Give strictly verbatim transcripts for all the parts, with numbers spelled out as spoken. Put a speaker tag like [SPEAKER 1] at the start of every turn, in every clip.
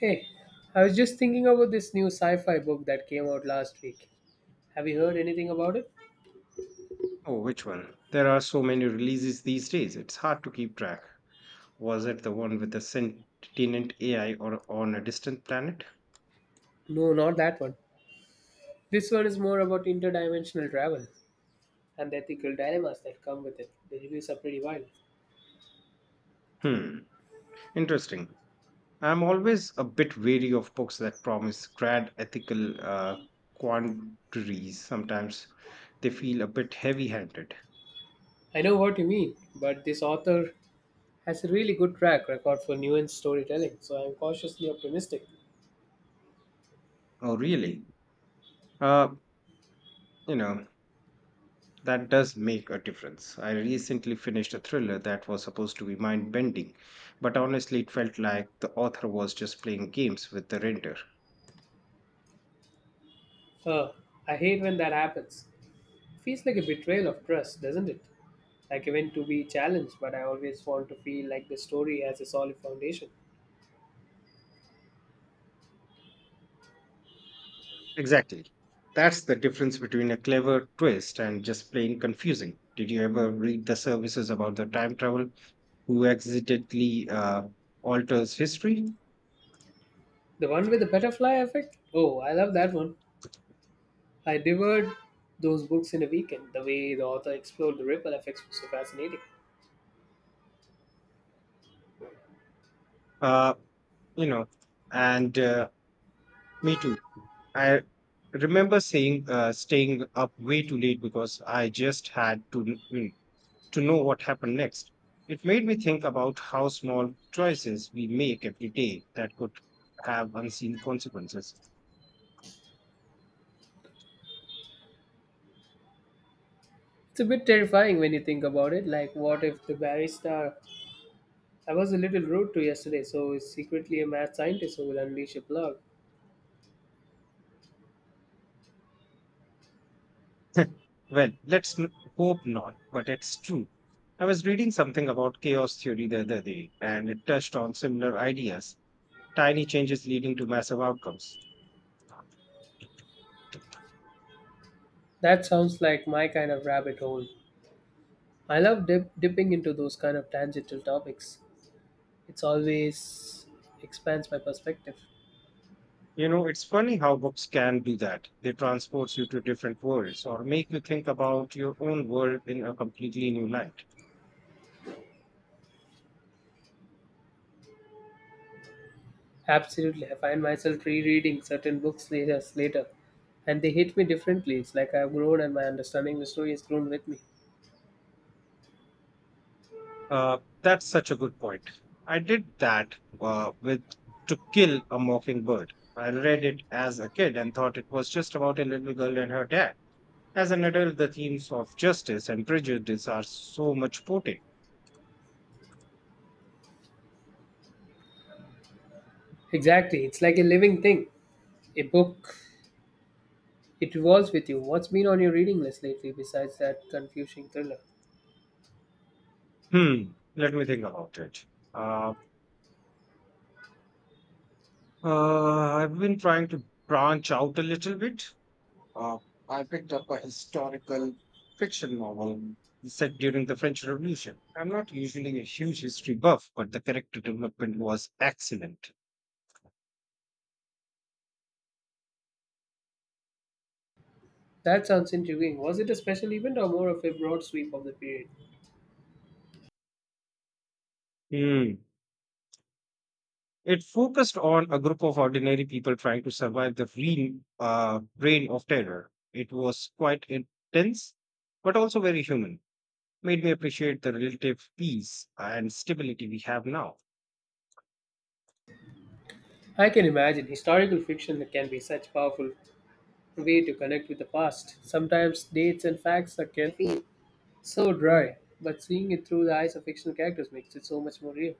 [SPEAKER 1] Hey, I was just thinking about this new sci fi book that came out last week. Have you heard anything about it?
[SPEAKER 2] Oh, which one? There are so many releases these days, it's hard to keep track. Was it the one with the sentient A I or on a distant planet?
[SPEAKER 1] No, not that one. This one is more about interdimensional travel and the ethical dilemmas that come with it. The reviews are pretty wild.
[SPEAKER 2] Hmm, interesting. I'm always a bit wary of books that promise grand ethical uh, quandaries. Sometimes they feel a bit heavy handed.
[SPEAKER 1] I know what you mean, but this author has a really good track record for nuanced storytelling, so I'm cautiously optimistic.
[SPEAKER 2] Oh, really? Uh, you know, That does make a difference. I recently finished a thriller that was supposed to be mind bending, but honestly, it felt like the author was just playing games with the render.
[SPEAKER 1] Uh, I hate when that happens. Feels like a betrayal of trust, doesn't it? Like I went to be challenged, but I always want to feel like the story has a solid foundation.
[SPEAKER 2] Exactly. That's the difference between a clever twist and just plain confusing. Did you ever read the services about the time travel who accidentally uh, alters history?
[SPEAKER 1] The one with the butterfly effect? Oh, I love that one. I devoured those books in a weekend. The way the author explored the ripple effects was so fascinating.
[SPEAKER 2] Uh, you know, and uh, me too. I remember saying uh, staying up way too late because I just had to to know what happened next. It made me think about how small choices we make every day that could have unseen consequences.
[SPEAKER 1] It's a bit terrifying when you think about it. Like, what if the barista I was a little rude to yesterday, so is secretly a mad scientist who will unleash a plug?
[SPEAKER 2] Well, let's n- hope not, but it's true. I was reading something about chaos theory the other day, and it touched on similar ideas, tiny changes leading to massive outcomes.
[SPEAKER 1] That sounds like my kind of rabbit hole. I love dip- dipping into those kind of tangential topics. It's always expands my perspective.
[SPEAKER 2] You know, it's funny how books can do that. They transport you to different worlds or make you think about your own world in a completely new light.
[SPEAKER 1] Absolutely. I find myself rereading certain books later, later, and they hit me differently. It's like I've grown and my understanding of the story has grown with me.
[SPEAKER 2] Uh, that's such a good point. I did that uh, with To Kill a Mockingbird. I read it as a kid and thought it was just about a little girl and her dad. As an adult, the themes of justice and prejudice are so much potent.
[SPEAKER 1] Exactly. It's like a living thing. A book, it evolves with you. What's been on your reading list lately besides that confusing thriller?
[SPEAKER 2] Hmm, let me think about it. Uh, uh, I've been trying to branch out a little bit. Uh, I picked up a historical fiction novel set during the French Revolution. I'm not usually a huge history buff, but the character development was excellent.
[SPEAKER 1] That sounds intriguing. Was it a special event or more of a broad sweep of the period?
[SPEAKER 2] Hmm. It focused on a group of ordinary people trying to survive the real uh, reign of terror. It was quite intense, but also very human. Made me appreciate the relative peace and stability we have now.
[SPEAKER 1] I can imagine. Historical fiction can be such powerful way to connect with the past. Sometimes dates and facts are carefully so dry, but seeing it through the eyes of fictional characters makes it so much more real.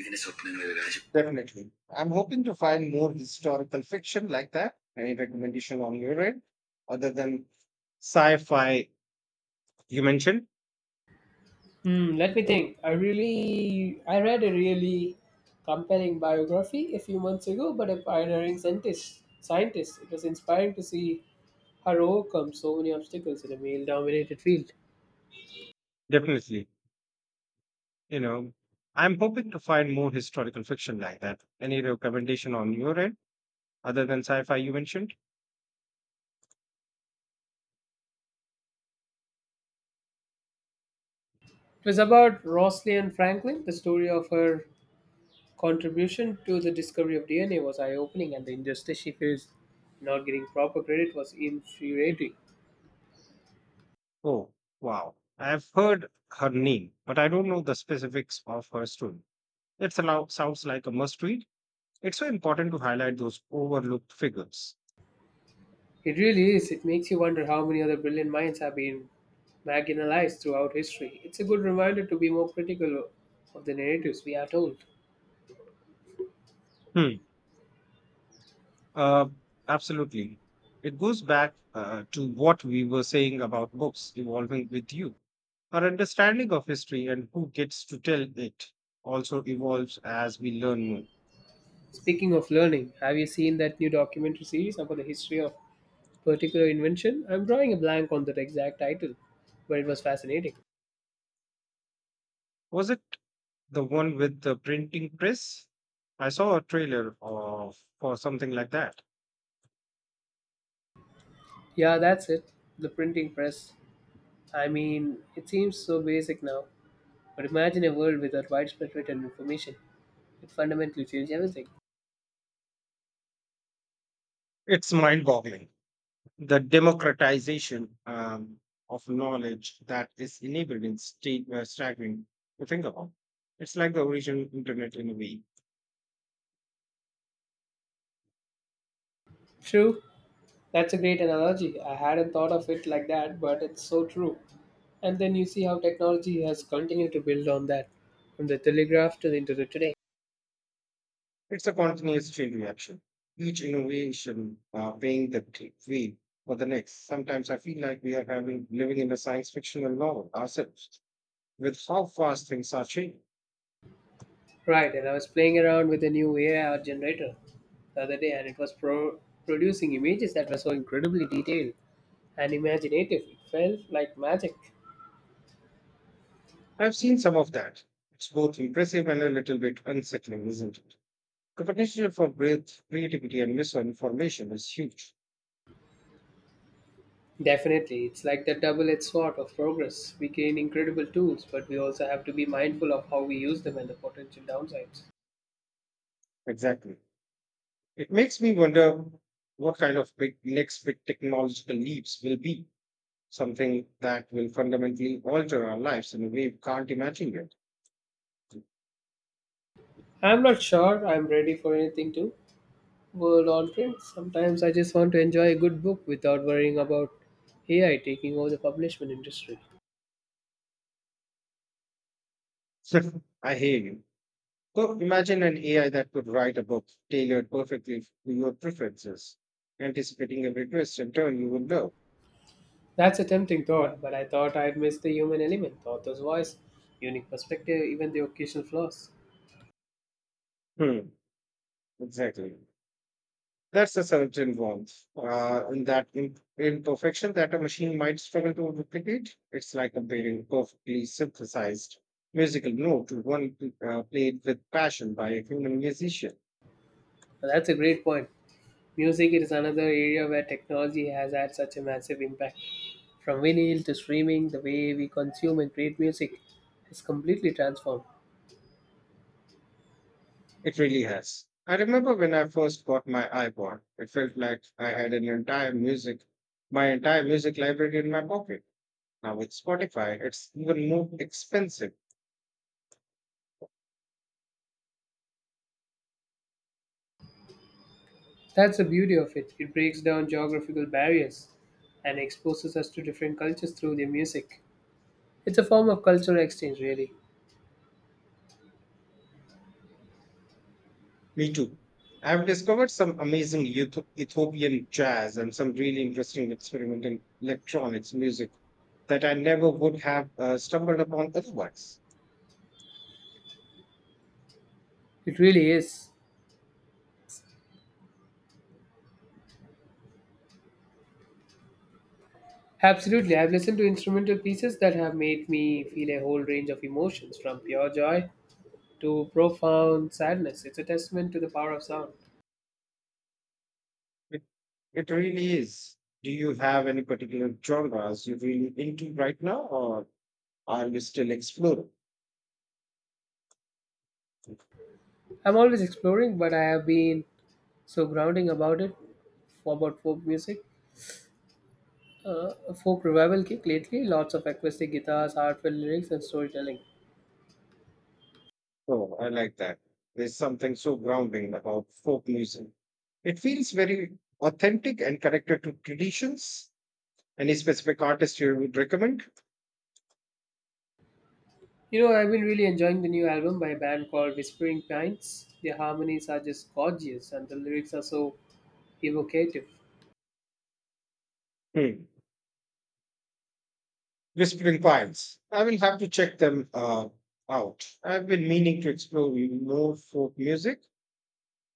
[SPEAKER 1] ഇതിന്റെ സ്വപ്നങ്ങളിൽ രാജ്യം.
[SPEAKER 2] Definitely. I'm hoping to find more historical fiction like that. Any recommendation on your end, other than sci fi you mentioned,
[SPEAKER 1] Hmm, let me think. I really, I read a really compelling biography a few months ago, but a pioneering scientist. Scientist. It was inspiring to see her overcome so many obstacles in a male-dominated field.
[SPEAKER 2] definitely. You know I'm hoping to find more historical fiction like that, any recommendation on your end other than sci-fi you mentioned.
[SPEAKER 1] It was about Rosalind Franklin. The story of her contribution to the discovery of D N A was eye-opening, and the injustice she faced not getting proper credit was infuriating.
[SPEAKER 2] Oh, wow, I've heard her name but I don't know the specifics of her story. It sounds like a must read. It's so important to highlight those overlooked figures.
[SPEAKER 1] It really is. It makes you wonder how many other brilliant minds have been marginalized throughout history. It's a good reminder to be more critical of the narratives we are told.
[SPEAKER 2] hmm Uh, absolutely. It goes back uh, to what we were saying about books evolving with you. Our understanding of history and who gets to tell it also evolves as we learn more.
[SPEAKER 1] Speaking of learning, have you seen that new documentary series about the history of particular invention? I'm drawing a blank on the exact title, but it was fascinating.
[SPEAKER 2] Was it the one with the printing press? I saw a trailer of for something like that.
[SPEAKER 1] Yeah, that's it. The printing press. I mean, it seems so basic now, but imagine a world without widespread written information. It fundamentally changed everything.
[SPEAKER 2] It's mind-boggling. The democratization um, of knowledge that is enabled in state, uh, staggering to think about. It's like the original internet in a way.
[SPEAKER 1] True, that's a great analogy. I hadn't thought of it like that, but it's so true. And then you see how technology has continued to build on that, from the telegraph to the internet today.
[SPEAKER 2] It's a continuous chain reaction. Each innovation uh, paying the t- way for the next. Sometimes I feel like we are having living in a science fictional novel ourselves with how fast things are changing.
[SPEAKER 1] Right, and I was playing around with a new A I art generator the other day, and it was pro- producing images that were so incredibly detailed and imaginative. It felt like magic.
[SPEAKER 2] I've seen some of that. It's both impressive and a little bit unsettling, isn't it? The potential for breadth, creativity, and misinformation is huge.
[SPEAKER 1] Definitely, it's like the double edged sword of progress. We gain incredible tools, but we also have to be mindful of how we use them and the potential downsides.
[SPEAKER 2] Exactly. It makes me wonder what kind of big next big technological leaps will be, something that will fundamentally alter our lives and we can't imagine it.
[SPEAKER 1] I'm not sure I'm ready for anything too world on things. Sometimes I just want to enjoy a good book without worrying about A I taking over the publishment industry.
[SPEAKER 2] I hear you. So imagine an A I that could write a book tailored perfectly to your preferences, anticipating every twist and turn you would love.
[SPEAKER 1] That's a tempting thought, but I thought I'd miss the human element, author's voice, unique perspective, even the occasional flaws.
[SPEAKER 2] Hmm, exactly. That's a certain warmth uh, in that im- imperfection that a machine might struggle to replicate. It's like comparing a perfectly synthesized musical note to one uh, played with passion by a human musician.
[SPEAKER 1] Now, that's a great point. Music is another area where technology has had such a massive impact. From vinyl to streaming, the way we consume and create music has completely transformed.
[SPEAKER 2] It really has. I remember when I first got my iPod, it felt like I had an entire music, my entire music library in my pocket. Now with Spotify, it's even more expensive.
[SPEAKER 1] That's the beauty of it. It breaks down geographical barriers and exposes us to different cultures through their music. It's a form of cultural exchange, really.
[SPEAKER 2] Me too. I've discovered some amazing Eth- Ethiopian jazz and some really interesting experimental electronics music that I never would have uh, stumbled upon otherwise.
[SPEAKER 1] It really is. Absolutely. I've listened to instrumental pieces that have made me feel a whole range of emotions, from pure joy to profound sadness. It's a testament to the power of sound.
[SPEAKER 2] It, it really is. Do you have any particular genres you're really into right now, or are you still exploring?
[SPEAKER 1] I'm always exploring, but I have been so grounding about it, about folk music. Uh, a folk revival kick lately, lots of acoustic guitars, heartfelt lyrics, and storytelling.
[SPEAKER 2] Oh, I like that. There's something so grounding about folk music. It feels very authentic and connected to traditions. Any specific artist you would recommend?
[SPEAKER 1] You know, I've been really enjoying the new album by a band called Whispering Pines. Their harmonies are just gorgeous, and the lyrics are so evocative.
[SPEAKER 2] Hmm. Whispering Pines. I will have to check them uh, out. I've been meaning to explore more folk music.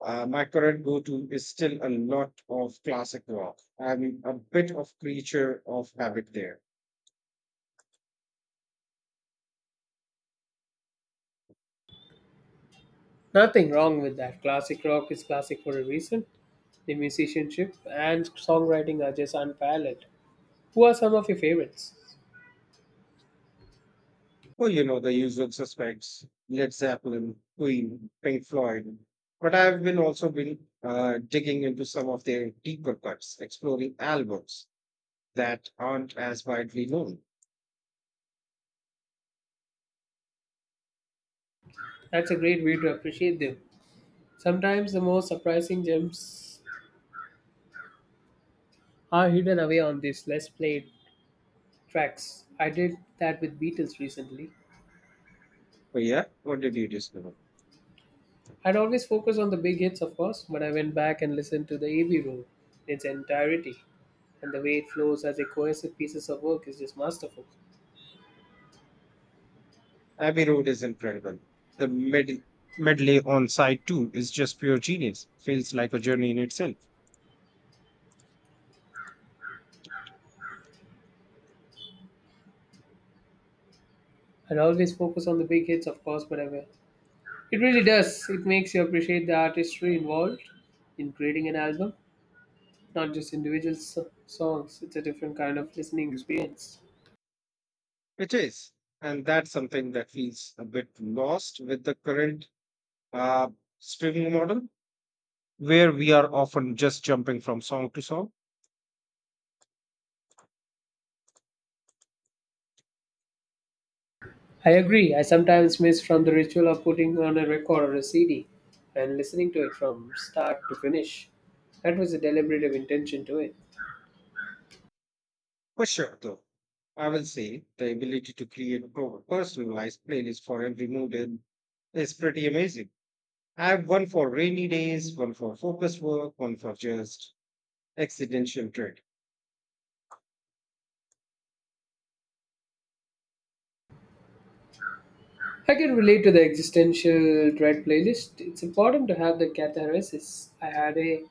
[SPEAKER 2] Uh, my current go-to is still a lot of classic rock. I'm a bit of creature of habit there.
[SPEAKER 1] Nothing wrong with that. Classic rock is classic for a reason. The musicianship and songwriting are just unparalleled. Who are some of your favorites?
[SPEAKER 2] Well, you know, the usual suspects, Led Zeppelin, Queen, Pink Floyd. But I've been also been uh, digging into some of their deeper cuts, exploring albums that aren't as widely known.
[SPEAKER 1] That's a great way to appreciate them. Sometimes the most surprising gems are hidden away on these less played tracks. I did that with Beatles recently.
[SPEAKER 2] But yeah, what did you discover?
[SPEAKER 1] I'd always focus on the big hits, of course, but I went back and listened to the Abbey Road in its entirety, and the way it flows as a cohesive pieces of work is just masterful.
[SPEAKER 2] Abbey Road is incredible. The med- medley on side two is just pure genius. Feels like a journey in itself.
[SPEAKER 1] I'd always focus on the big hits, of course, but I It really does. It makes you appreciate the artistry involved in creating an album, not just individual so- songs. It's a different kind of listening experience.
[SPEAKER 2] It is. And that's something that feels a bit lost with the current uh, streaming model, where we are often just jumping from song to song.
[SPEAKER 1] I agree. I sometimes miss from the ritual of putting on a record or a C D and listening to it from start to finish. That was a deliberative intention to it.
[SPEAKER 2] For sure, though, I will say the ability to create pro- personalized playlists for every mood in- is pretty amazing. I have one for rainy days, one for focused work, one for just accidental trade.
[SPEAKER 1] I can relate to the existential dread playlist. It's important to have the catharsis. I had a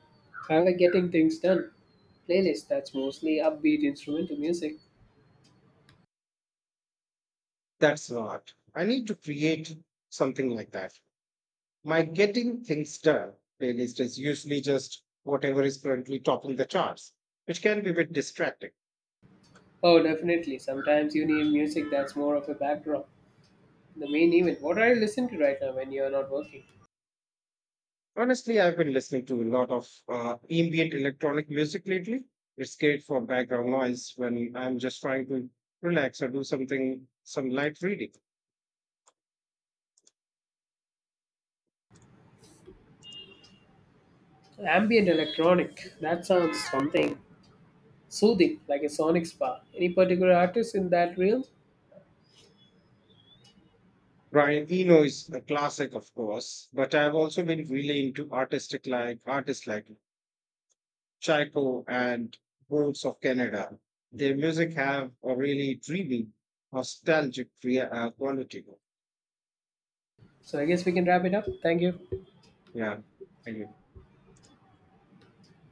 [SPEAKER 1] I had a getting things done playlist that's mostly upbeat instrumental music.
[SPEAKER 2] That's not. I need to create something like that. My getting things done playlist is usually just whatever is currently topping the charts, which can be a bit distracting.
[SPEAKER 1] Oh, definitely. Sometimes you need music that's more of a backdrop. The main event. What are you listening to right now when you're not working?
[SPEAKER 2] Honestly, I've been listening to a lot of uh, ambient electronic music lately. It's great for background noise when I'm just trying to relax or do something, some light reading.
[SPEAKER 1] Ambient electronic. That sounds something soothing, like a sonic spa. Any particular artist in that realm?
[SPEAKER 2] Brian Eno is a classic, of course, but I've also been really into artistic like artists like Chico and Bones of Canada. Their music have a really dreamy, nostalgic crea- uh, quality.
[SPEAKER 1] So I guess we can wrap it up. Thank you.
[SPEAKER 2] Yeah, anyway.